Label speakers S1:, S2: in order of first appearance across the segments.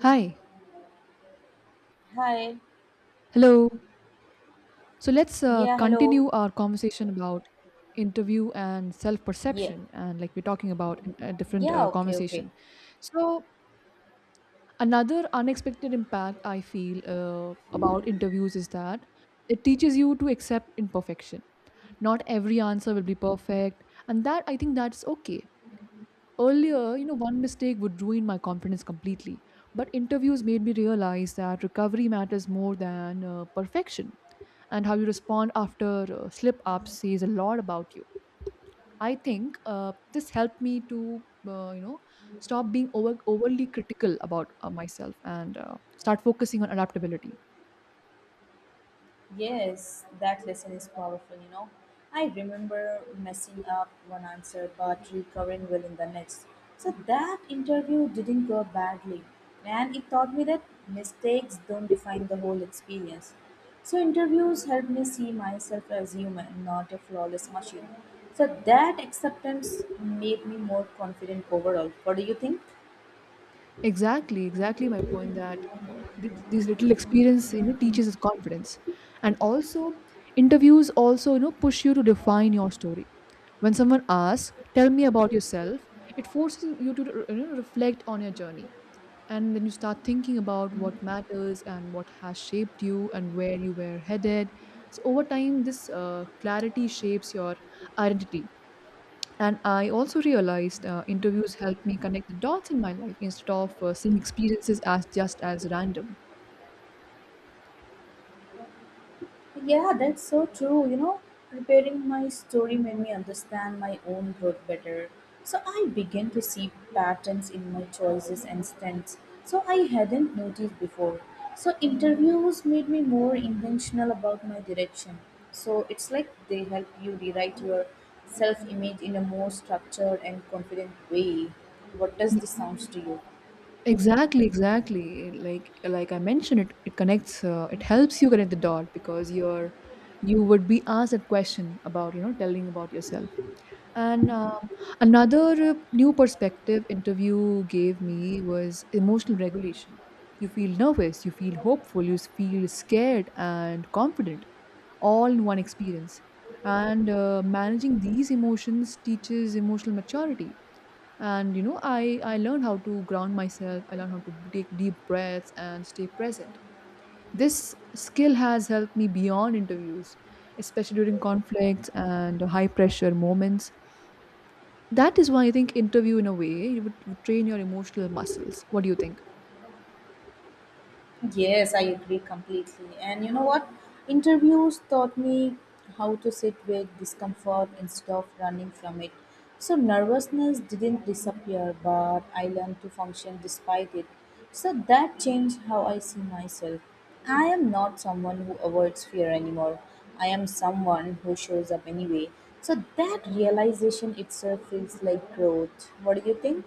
S1: Hi.
S2: Hi.
S1: Hello. So let's
S2: Yeah, hello.
S1: continue our conversation about interview and self
S2: Yeah.
S1: perception. And like we're talking about a different
S2: Yeah,
S1: uh,
S2: okay, okay.
S1: conversation. So, another unexpected impact I feel about interviews is that it teaches you to accept imperfection. Not every answer will be perfect. And that I think that's okay. Earlier, you know, one mistake would ruin my confidence completely. But interviews made me realize that recovery matters more than perfection and how you respond after slip ups says a lot about you. I think this helped me to uh, you know stop being overly critical about myself and start focusing on adaptability.
S2: Yes, that lesson is powerful, you know. I remember messing up one answer but recovering well in the next. So that interview didn't go badly. And it taught me that mistakes don't define the whole experience. So interviews helped me see myself as human, not a flawless machine. So that acceptance made me more confident overall. What do you think?
S1: Exactly, exactly my point that these little experience you know teaches us confidence, and also interviews also you know push you to define your story. When someone asks, "Tell me about yourself," it forces you to, you know, reflect on your journey. And then you start thinking about what matters and what has shaped you and where you were headed. So, over time, this clarity shapes your identity. And I also realized interviews helped me connect the dots in my life instead of seeing experiences as just as random.
S2: Yeah, that's so true. You know, preparing my story made me understand my own growth better. So I began to see patterns in my choices and strengths. So I hadn't noticed before. So interviews made me more intentional about my direction. So it's like they help you rewrite your self image in a more structured and confident way. What does
S1: Y-
S2: this sounds to you?
S1: Exactly, exactly. Like I mentioned, it connects. It helps you connect the dot because you would be asked a question about you know telling about yourself. And Another new perspective interview gave me was emotional regulation. You feel nervous, you feel hopeful, you feel scared and confident, all in one experience. And Managing these emotions teaches emotional maturity. And you know, I learned how to ground myself. I learned how to take deep breaths and stay present. This skill has helped me beyond interviews, especially during conflicts and high pressure moments. That is why I think interview in a way it would train your emotional muscles. What do you think?
S2: Yes, I agree completely. And you know what? Interviews taught me how to sit with discomfort instead of running from it. So, nervousness didn't disappear, but I learned to function despite it. So, that changed how I see myself. I am not someone who avoids fear anymore. I am someone who shows up anyway. So, that realization itself feels like growth. What do you think?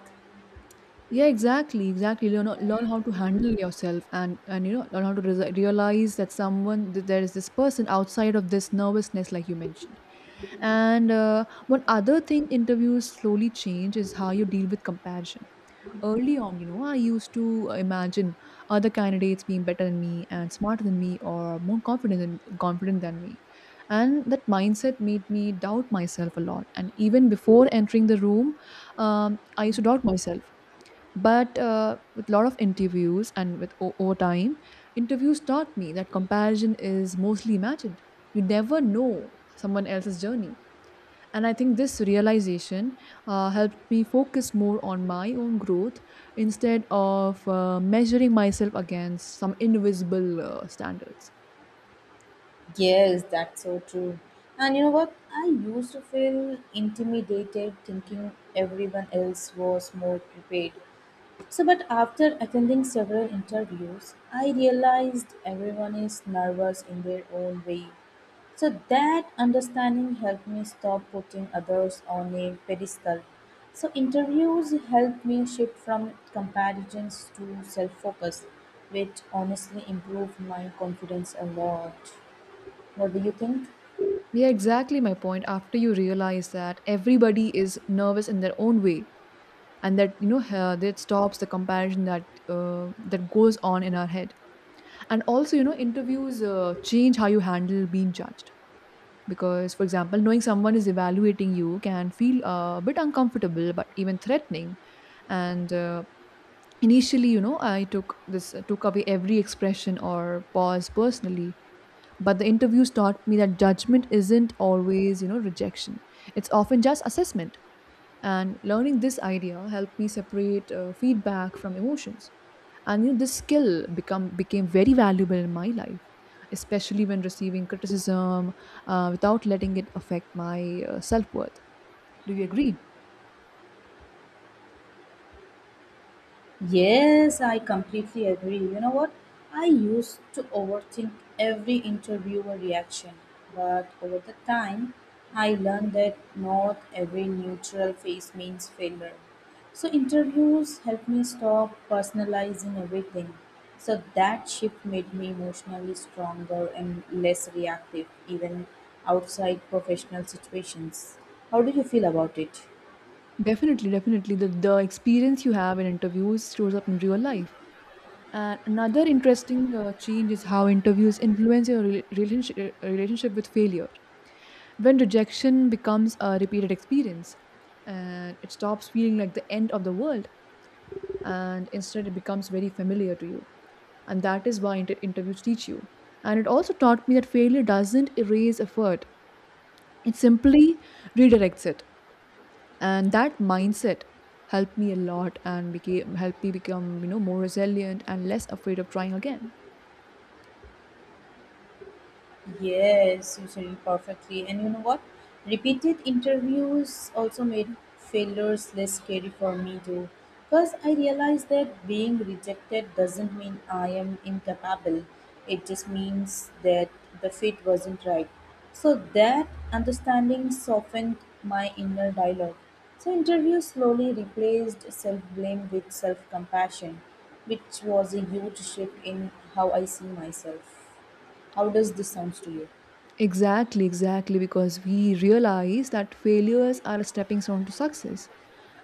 S1: Yeah, exactly, exactly. Learn how to handle yourself and you know learn how to realize that someone that there is this person outside of this nervousness, like you mentioned. And One other thing interviews slowly change is how you deal with comparison. Early on, you know, I used to imagine other candidates being better than me and smarter than me or more confident than me. And that mindset made me doubt myself a lot. And even before entering the room, I used to doubt myself. But with a lot of interviews and with over time, interviews taught me that comparison is mostly imagined. You never know someone else's journey, and I think this realization helped me focus more on my own growth instead of measuring myself against some invisible standards.
S2: Yes, that's so true. And you know what? I used to feel intimidated thinking everyone else was more prepared. So, but after attending several interviews, I realized everyone is nervous in their own way. So, that understanding helped me stop putting others on a pedestal. So, interviews helped me shift from comparisons to self focus, which honestly improved my confidence a lot. What do you think?
S1: Yeah, exactly my point. After you realize that everybody is nervous in their own way, and that you know that stops the comparison that that goes on in our head. And also, you know, interviews change how you handle being judged. Because for example, knowing someone is evaluating you can feel a bit uncomfortable but even threatening, and initially, you know, I took away every expression or pause personally, but the interviews taught me that judgment isn't always, you know, rejection. It's often just assessment. And learning this idea helped me separate feedback from emotions. And you know, this skill become became very valuable in my life, especially when receiving criticism, without letting it affect my self-worth. Do you agree?
S2: Yes, I completely agree. You know what? I used to overthink every interview or reaction, but over the time, I learned that not every neutral face means failure. So, interviews helped me stop personalizing everything. So, that shift made me emotionally stronger and less reactive, even outside professional situations. How do you feel about it?
S1: Definitely, definitely the experience you have in interviews shows up in real life. And another interesting change is how interviews influence your relationship with failure. When rejection becomes a repeated experience, and it stops feeling like the end of the world, and instead it becomes very familiar to you. And that is why interviews teach you, and it also taught me that failure doesn't erase effort. It simply redirects it. And that mindset helped me a lot and became helped me become, you know, more resilient and less afraid of trying again.
S2: Yes, you said it perfectly. And you know what? Repeated interviews also made failures less scary for me too. Because I realized that being rejected doesn't mean I am incapable. It just means that the fit wasn't right. So that understanding softened my inner dialogue. So interviews slowly replaced self-blame with self-compassion, which was a huge shift in how I see myself. How does this sounds to you?
S1: Exactly, exactly, because we realize that failures are a stepping stone to success.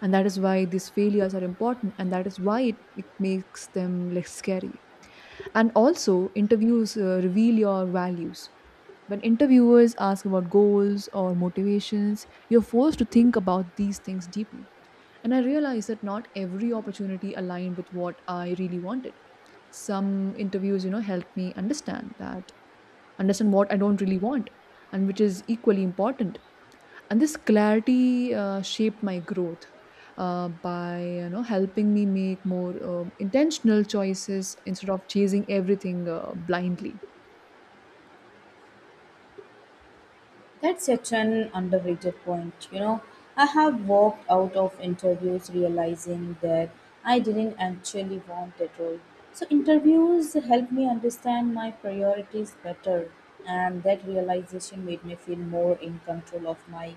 S1: And that is why these failures are important, and that is why it makes them less scary. And also, interviews reveal your values. When interviewers ask about goals or motivations, you're forced to think about these things deeply. And I realized that not every opportunity aligned with what I really wanted. Some interviews, you know, helped me understand that understand what I don't really want, and which is equally important. And this clarity shaped my growth by, you know, helping me make more intentional choices instead of chasing everything blindly.
S2: That's such an underrated point. You know, I have walked out of interviews realizing that I didn't actually want that role. So interviews helped me understand my priorities better, and that realization made me feel more in control of my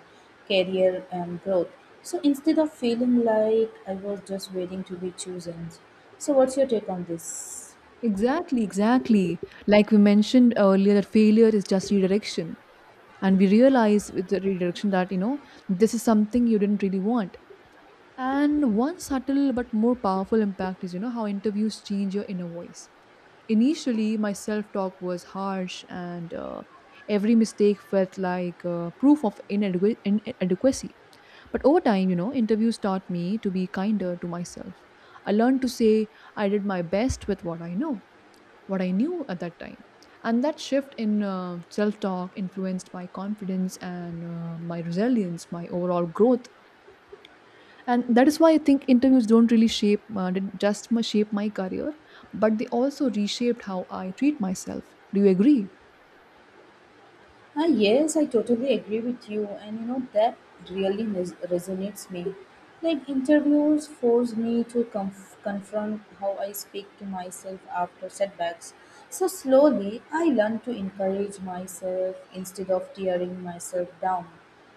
S2: career and growth. So instead of feeling like I was just waiting to be chosen. So what's your take on this?
S1: Exactly, exactly. Like we mentioned earlier, that failure is just redirection, and we realize with the redirection that, you know, this is something you didn't really want. And one subtle but more powerful impact is, you know, how interviews change your inner voice. Initially, my self talk was harsh, and every mistake felt like proof of inadequacy. But over time, you know, interviews taught me to be kinder to myself. I learned to say I did my best with what I know, what I knew at that time. And that shift in self talk influenced my confidence and my resilience, my overall growth. And that is why I think interviews don't really shape didn't just my shape my career, but they also reshaped how I treat myself. Do you agree?
S2: Ah, yes, I totally agree with you, and you know that really resonates me. Like interviews force me to confront how I speak to myself after setbacks. So slowly, I learn to encourage myself instead of tearing myself down.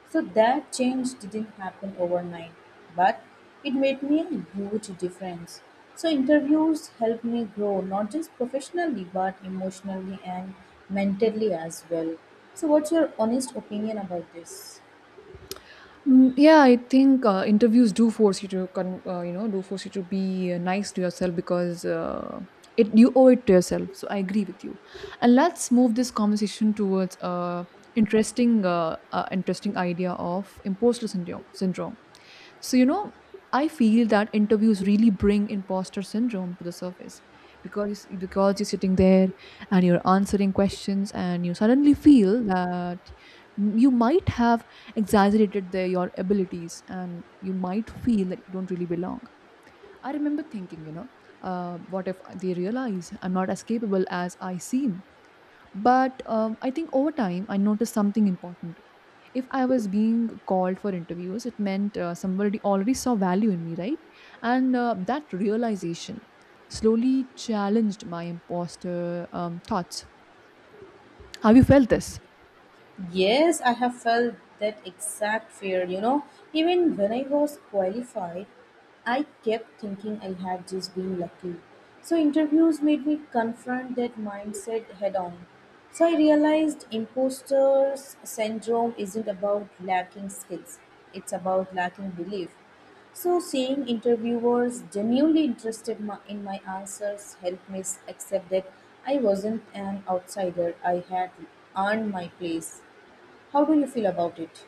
S2: So that change didn't happen overnight, but it made me a huge difference. So interviews helped me grow not just professionally but emotionally and mentally as well. So what's your honest opinion about this?
S1: Mm, yeah, I think interviews do force you to you know do force you to be nice to yourself, because it, you owe it to yourself. So I agree with you. And let's move this conversation towards interesting idea of imposter syndrome. So, you know, I feel that interviews really bring imposter syndrome to the surface, because you're sitting there and you're answering questions and you suddenly feel that you might have your abilities, and you might feel that you don't really belong. I remember thinking, you know, what if they realize I'm not as capable as I seem? But I think over time, I noticed something important. If I was being called for interviews, it meant somebody already saw value in me, right? And that realization slowly challenged my imposter thoughts. Have you felt this?
S2: Yes, I have felt that exact fear, you know. Even when I was qualified, I kept thinking I had just been lucky. So, interviews made me confront that mindset head on. So, I realized imposter syndrome isn't about lacking skills, it's about lacking belief. So, seeing interviewers genuinely interested in my answers helped me accept that I wasn't an outsider, I had earned my place. How do you feel about it?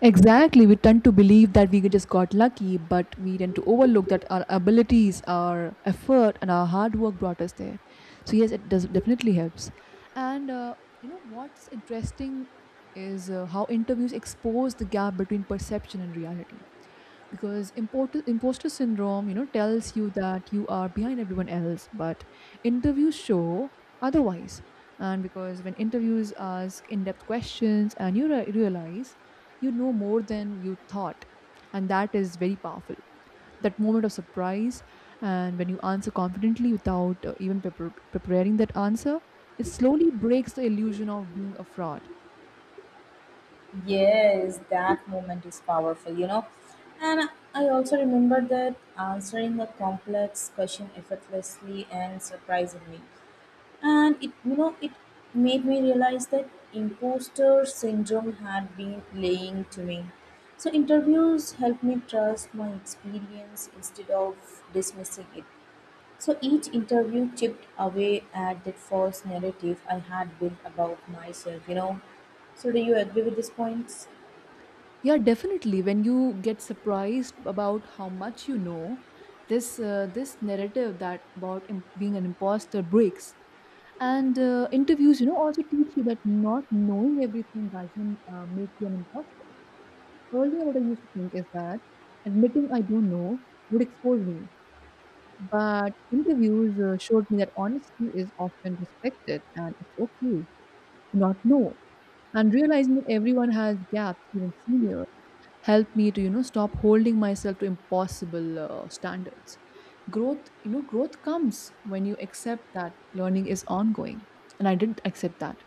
S1: Exactly. We tend to believe that we just got lucky, but we tend to overlook that our abilities, our effort, and our hard work brought us there. So, yes, it does definitely helps. And you know what's interesting is how interviews expose the gap between perception and reality, because imposter syndrome, you know, tells you that you are behind everyone else, but interviews show otherwise. And because when interviews ask in-depth questions and you realize you know more than you thought, and that is very powerful, that moment of surprise. And when you answer confidently without even preparing that answer, it slowly breaks the illusion of being a fraud.
S2: Yes, that moment is powerful, you know. And I also remember that answering a complex question effortlessly and surprisingly. And it, you know, it made me realize that imposter syndrome had been playing to me. So interviews helped me trust my experience instead of dismissing it. So each interview chipped away at that false narrative I had built about myself, you know. So do you agree with these points?
S1: Yeah, definitely. When you get surprised about how much you know, this narrative that about being an imposter breaks. And interviews, you know, also teach you that not knowing everything doesn't make you an imposter. Earlier, what I used to think is that admitting I don't know would expose me. But interviews showed me that honesty is often respected and it's okay to not know. And realizing that everyone has gaps, even senior, helped me to, you know, stop holding myself to impossible standards. Growth, you know, growth comes when you accept that learning is ongoing. And I did accept that.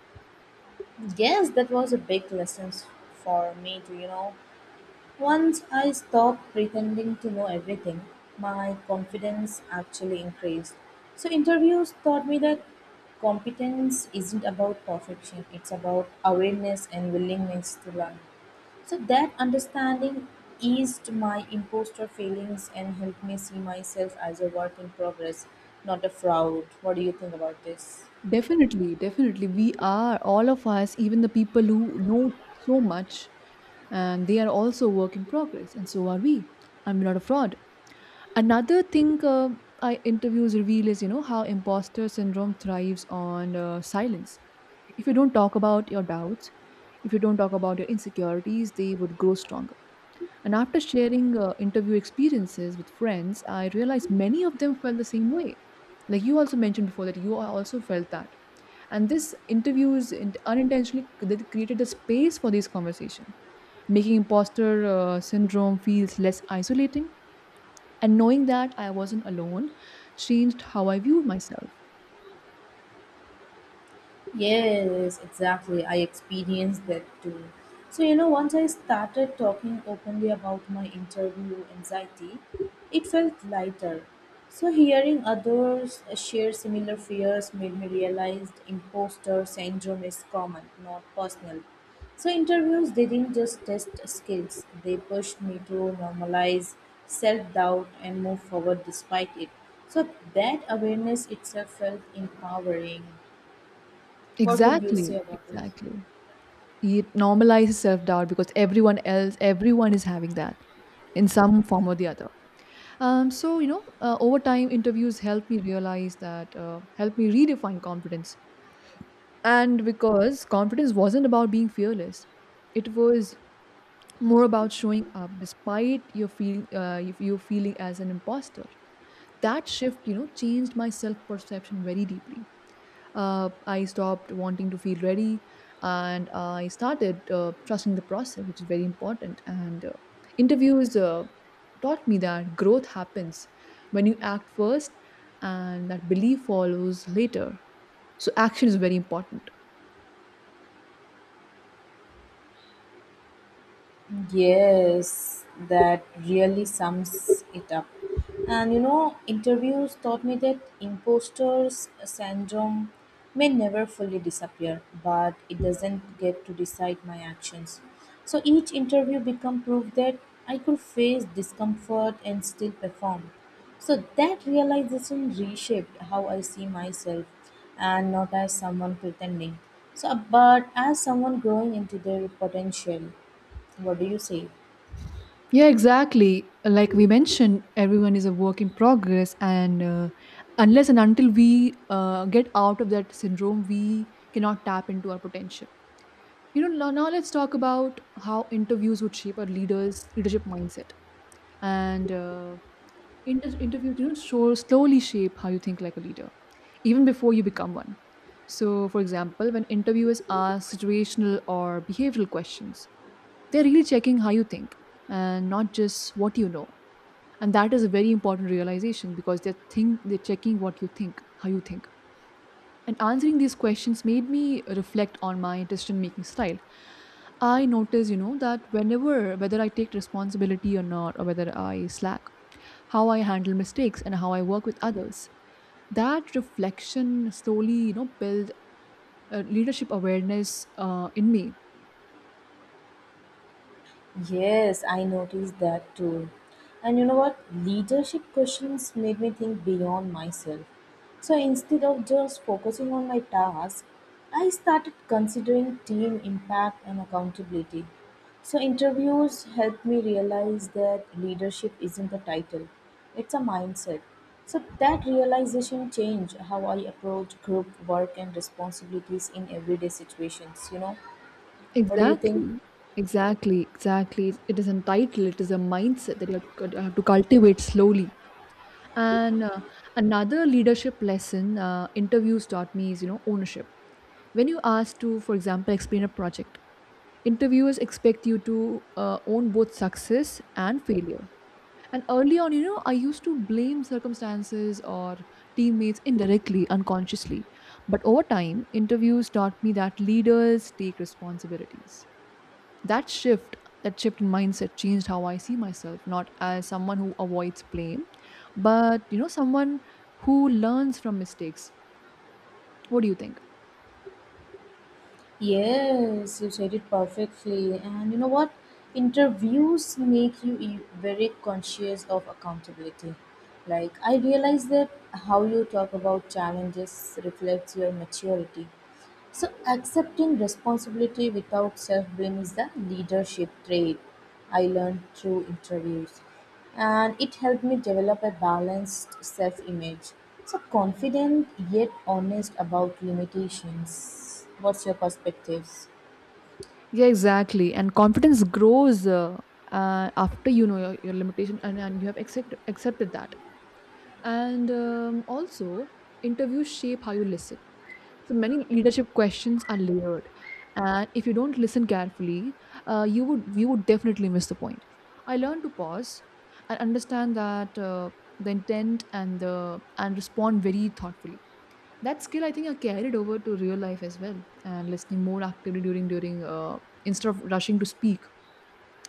S2: Yes, that was a big lesson for me too, you know. Once I stopped pretending to know everything, my confidence actually increased. So, interviews taught me that competence isn't about perfection, it's about awareness and willingness to learn. So, that understanding eased my imposter feelings and helped me see myself as a work in progress, not a fraud. What do you think about this?
S1: Definitely, definitely. We are, all of us, even the people who know so much, and they are also work in progress, and so are we. I'm not a fraud. Another thing I interviews reveal is, you know, how imposter syndrome thrives on silence. If you don't talk about your doubts, if you don't talk about your insecurities, they would grow stronger. And after sharing interview experiences with friends, I realized many of them felt the same way. Like you also mentioned before that you also felt that, and this unintentionally that created a space for these conversation, making imposter syndrome feels less isolating. And knowing that I wasn't alone changed how I viewed myself.
S2: Yes, exactly. I experienced that too. So, you know, once I started talking openly about my interview anxiety, it felt lighter. So, hearing others share similar fears made me realize imposter syndrome is common, not personal. So, interviews didn't just test skills, they pushed me to normalize self doubt and move forward despite it. So, that awareness itself felt empowering. What would you say
S1: Exactly,
S2: about me?
S1: exactly. It normalizes self-doubt, because everyone is having that in some form or the other. So you know, over time, interviews helped me realize that helped me redefine confidence. And because confidence wasn't about being fearless, it was more about showing up despite you feeling as an imposter. That shift, you know, changed my self perception very deeply. I stopped wanting to feel ready and I started trusting the process, which is very important. And interviews taught me that growth happens when you act first and that belief follows later. So, action is very important.
S2: Yes, that really sums it up. And you know, interviews taught me that imposters syndrome may never fully disappear, but it doesn't get to decide my actions. So each interview become proof that I could face discomfort and still perform. So that realization reshaped how I see myself and not as someone pretending. So but as someone growing into their potential. What do you say?
S1: Yeah, exactly. Like we mentioned, everyone is a work in progress, and unless and until we get out of that syndrome, we cannot tap into our potential. You know, now let's talk about how interviews would shape our leaders' leadership mindset. And uh, interviews, you know, slowly shape how you think like a leader, even before you become one. So, for example, when interviewers ask situational or behavioral questions, they're really checking how you think and not just what you know. And that is a very important realization because they're checking what you think, how you think, and answering these questions made me reflect on my decision making style. I notice, you know, that whenever, whether I take responsibility or not, or whether I slack, how I handle mistakes and how I work with others, that reflection slowly, you know, build leadership awareness in me.
S2: Yes, I noticed that too. And you know what? Leadership questions made me think beyond myself. So instead of just focusing on my task, I started considering team impact and accountability. So interviews helped me realize that leadership isn't a title, it's a mindset. So that realization changed how I approach group work and responsibilities in everyday situations, you know. What do you think?
S1: Exactly. Exactly. Exactly. It is a title. It is a mindset that you have to, have to cultivate slowly. And another leadership lesson interviews taught me is, you know, ownership. When you ask to, for example, explain a project, interviewers expect you to own both success and failure. And early on, you know, I used to blame circumstances or teammates indirectly, unconsciously. But over time, interviews taught me that leaders take responsibilities. That shift, that shift in mindset, changed how I see myself, not as someone who avoids blame, but you know, someone who learns from mistakes. What do you think?
S2: Yes, you said it perfectly. And you know what? Interviews make you very conscious of accountability. Like, I realize that how you talk about challenges reflects your maturity. So, accepting responsibility without self blame is the leadership trait I learned through interviews. And it helped me develop a balanced self image. So, confident yet honest about limitations. What's your perspectives?
S1: Yeah, exactly. And confidence grows after you know your limitation, and you have accepted that. And also, interviews shape how you listen. So many leadership questions are layered, and if you don't listen carefully, you would definitely miss the point. I learned to pause and understand that the intent and the, and respond very thoughtfully. That skill, I think, I carried over to real life as well, and listening more actively during, instead of rushing to speak.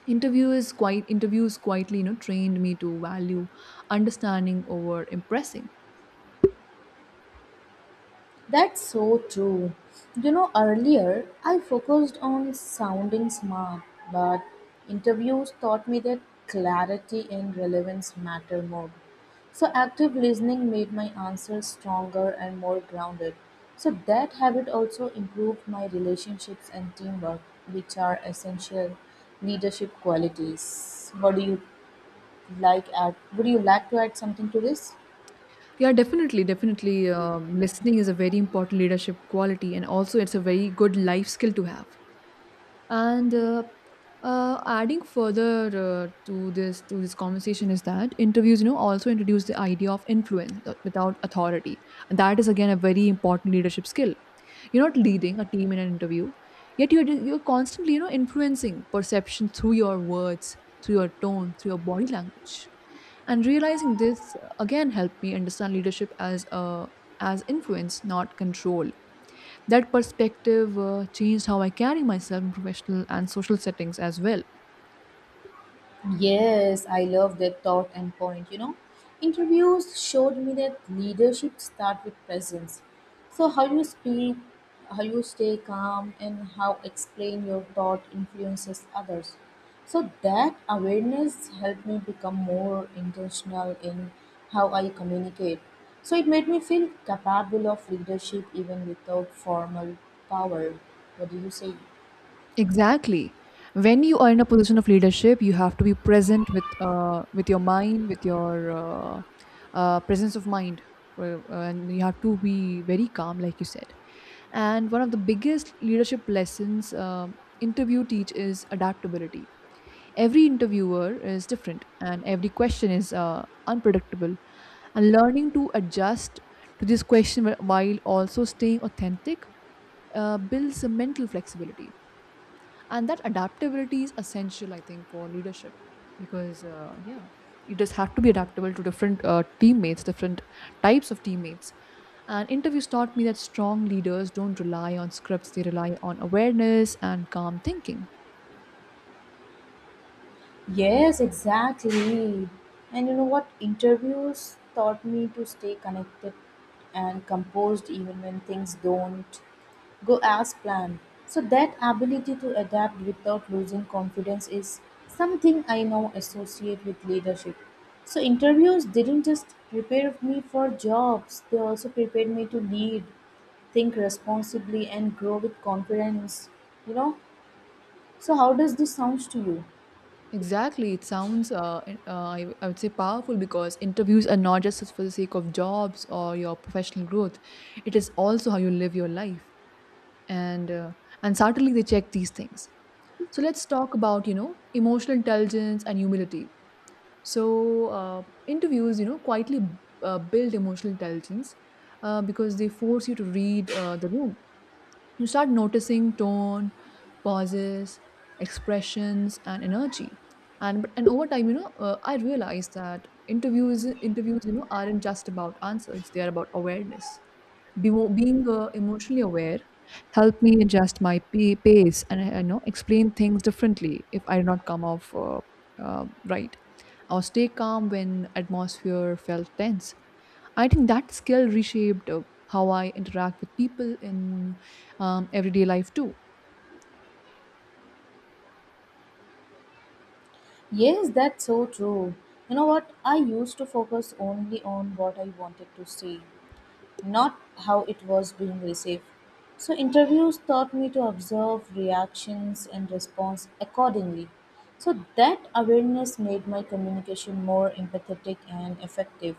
S1: Interview is quite interviews quietly, you know, trained me to value understanding over impressing.
S2: That's so true. You know, earlier I focused on sounding smart, but interviews taught me that clarity and relevance matter more. So, active listening made my answers stronger and more grounded. So, that habit also improved my relationships and teamwork, which are essential leadership qualities. What do you like? Add, Would you like to add something to this?
S1: Yeah, definitely. Listening is a very important leadership quality, and also it's a very good life skill to have. And adding further to this conversation is that interviews, you know, also introduce the idea of influence without authority, and that is again a very important leadership skill. You're not leading a team in an interview, yet you're constantly, you know, influencing perception through your words, through your tone, through your body language. And realizing this again helped me understand leadership as a as influence, not control. That perspective changed how I carry myself in professional and social settings as well.
S2: Yes, I love that thought and point. You know, interviews showed me that leadership starts with presence. So, how you speak, how you stay calm, and how explain your thought influences others. So, that awareness helped me become more intentional in how I communicate. So, it made me feel capable of leadership even without formal power. What do you say?
S1: Exactly. When you are in a position of leadership, you have to be present with your mind, with your presence of mind, for, and you have to be very calm, like you said. And one of the biggest leadership lessons interview teach is adaptability. Every interviewer is different and every question is unpredictable. And learning to adjust to this question, while also staying authentic, builds a mental flexibility. And that adaptability is essential, I think, for leadership because, yeah, you just have to be adaptable to different teammates, different types of teammates. And interviews taught me that strong leaders don't rely on scripts, they rely on awareness and calm thinking.
S2: Yes, exactly. And you know what? Interviews taught me to stay connected and composed even when things don't go as planned. So, that ability to adapt without losing confidence is something I now associate with leadership. So, interviews didn't just prepare me for jobs, they also prepared me to lead, think responsibly, and grow with confidence. You know? So, how does this sound to you?
S1: Exactly. It sounds, I would say, powerful because interviews are not just for the sake of jobs or your professional growth. It is also how you live your life, and uh, and certainly they check these things. So let's talk about, you know, emotional intelligence and humility. So Interviews, you know, quietly build emotional intelligence because they force you to read the room. You start noticing tone, pauses, expressions, and energy. And over time, you know, I realized that interviews interviews, you know, aren't just about answers; they are about awareness. Be, being emotionally aware helped me adjust my pace and you know, explain things differently if I did not come off uh, right, or stay calm when atmosphere felt tense. I think that skill reshaped how I interact with people in everyday life too.
S2: Yes, that's so true. You know what? I used to focus only on what I wanted to see, not how it was being received. So, interviews taught me to observe reactions and response accordingly. So, that awareness made my communication more empathetic and effective.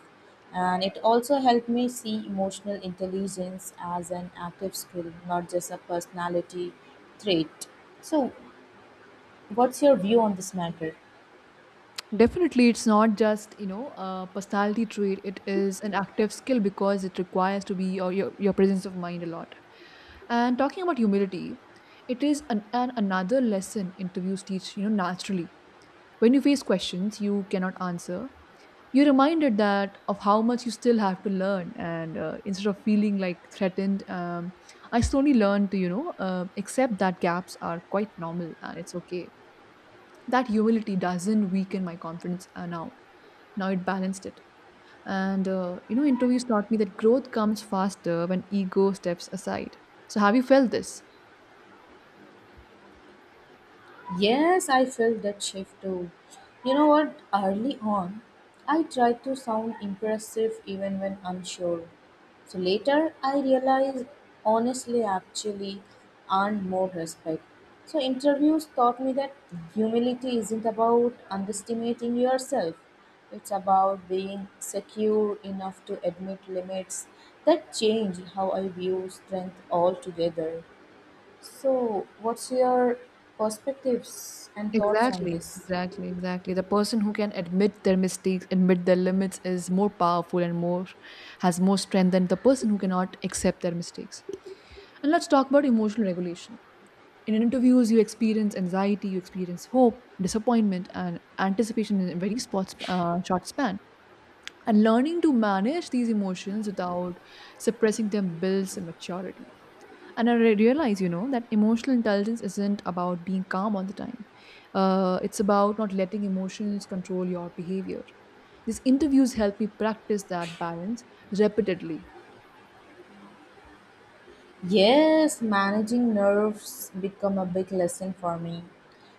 S2: And it also helped me see emotional intelligence as an active skill, not just a personality trait. So, what's your view on this matter?
S1: Definitely, it's not just, you know, a personality trait. It is an active skill because it requires to be or your, presence of mind a lot. And talking about humility, it is an another lesson interviews teach, you know, naturally. When you face questions you cannot answer, you're reminded that of how much you still have to learn, and instead of feeling like threatened, I slowly learned to, you know, accept that gaps are quite normal and it's okay. That humility doesn't weaken my confidence now. It balanced it. And, you know, interviews taught me that growth comes faster when ego steps aside. So, have you felt this?
S2: Yes, I felt that shift too. You know what? Early on, I tried to sound impressive even when unsure. So later, I realized honestly, actually, earned more respect. So, interviews taught me that humility isn't about underestimating yourself, it's about being secure enough to admit limits that changed how I view strength altogether. So, what's your perspectives and thoughts on
S1: Exactly,
S2: this?
S1: exactly, exactly. The person who can admit their mistakes, admit their limits is more powerful and more, has more strength than the person who cannot accept their mistakes. And let's talk about emotional regulation. In interviews, you experience anxiety, you experience hope, disappointment, and anticipation in a very short span. And learning to manage these emotions without suppressing them builds maturity. And I realize, you know, that emotional intelligence isn't about being calm all the time. It's about not letting emotions control your behavior. These interviews help me practice that balance repeatedly.
S2: Yes, managing nerves become a big lesson for me.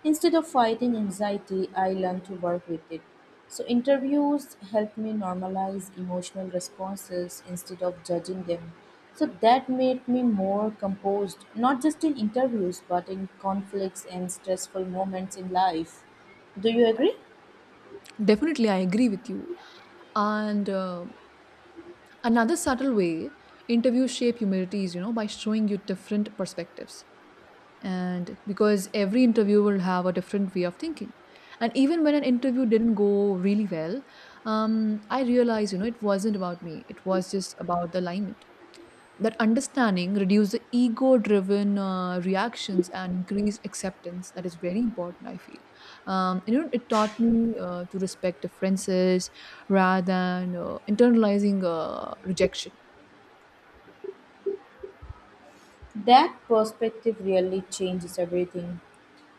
S2: Instead of fighting anxiety, I learned to work with it. So interviews helped me normalize emotional responses instead of judging them. So that made me more composed, not just in interviews, but in conflicts and stressful moments in life. Do you agree?
S1: Definitely, I agree with you. And another subtle way interviews shape humility is, you know, by showing you different perspectives, and because every interview will have a different way of thinking. And even when an interview didn't go really well, I realized, you know, it wasn't about me, it was just about the alignment. That understanding reduce the ego driven reactions and increase acceptance, that is very important, I feel. You know, it taught me to respect differences rather than internalizing rejection.
S2: That perspective really changes everything.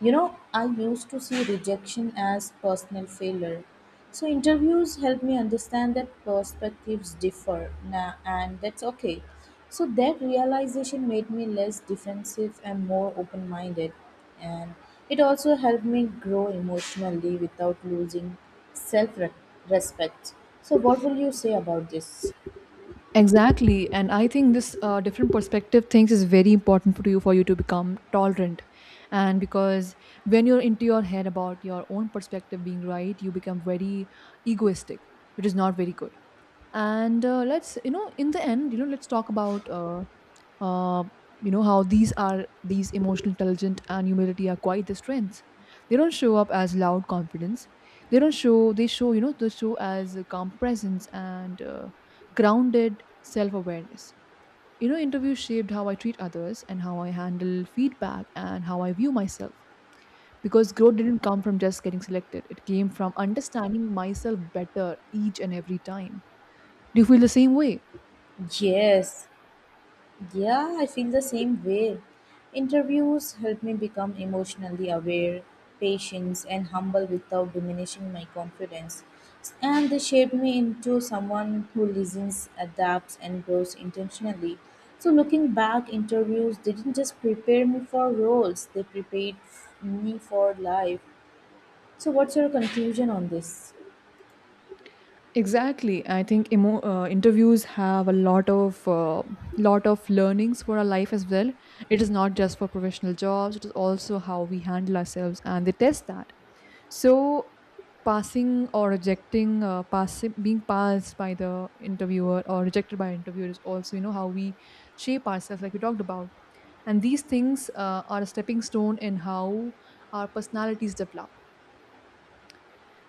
S2: You know, I used to see rejection as personal failure. So, interviews help me understand that perspectives differ, now, and that's okay. So, that realization made me less defensive and more open minded. And it also helped me grow emotionally without losing self respect. So, what will you say about this?
S1: Exactly, and I think this different perspective things is very important for you, to become tolerant, and because when you're into your head about your own perspective being right, you become very egoistic, which is not very good. And let's, you know, in the end, you know, let's talk about uh, you know, how these are, these emotional intelligence and humility are quite the strengths. They don't show up as loud confidence, they don't show they show, you know, they show as a calm presence and grounded self-awareness. You know, interviews shaped how I treat others and how I handle feedback and how I view myself, because growth didn't come from just getting selected, it came from understanding myself better each and every time. Do you feel the same way?
S2: Yes, yeah, I feel the same way. Interviews help me become emotionally aware, patient, and humble without diminishing my confidence. And they shape me into someone who listens, adapts, and grows intentionally. So, looking back, interviews didn't just prepare me for roles, they prepared me for life. So, what's your conclusion on this?
S1: Exactly. I think interviews have a lot of learnings for our life as well. It is not just for professional jobs; it is also how we handle ourselves, and they test that. So, passing or rejecting, passing, being passed by the interviewer or rejected by interviewer is also, you know, how we shape ourselves, like we talked about. And these things are a stepping stone in how our personalities develop.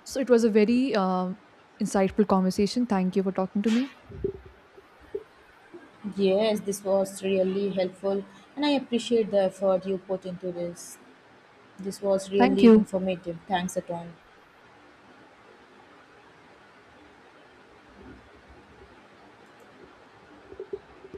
S1: So, it was a very insightful conversation. Thank you for talking to me.
S2: Yes, this was really helpful, and I appreciate the effort you put into this. This was
S1: Thank
S2: really
S1: you.
S2: informative. Thanks a ton.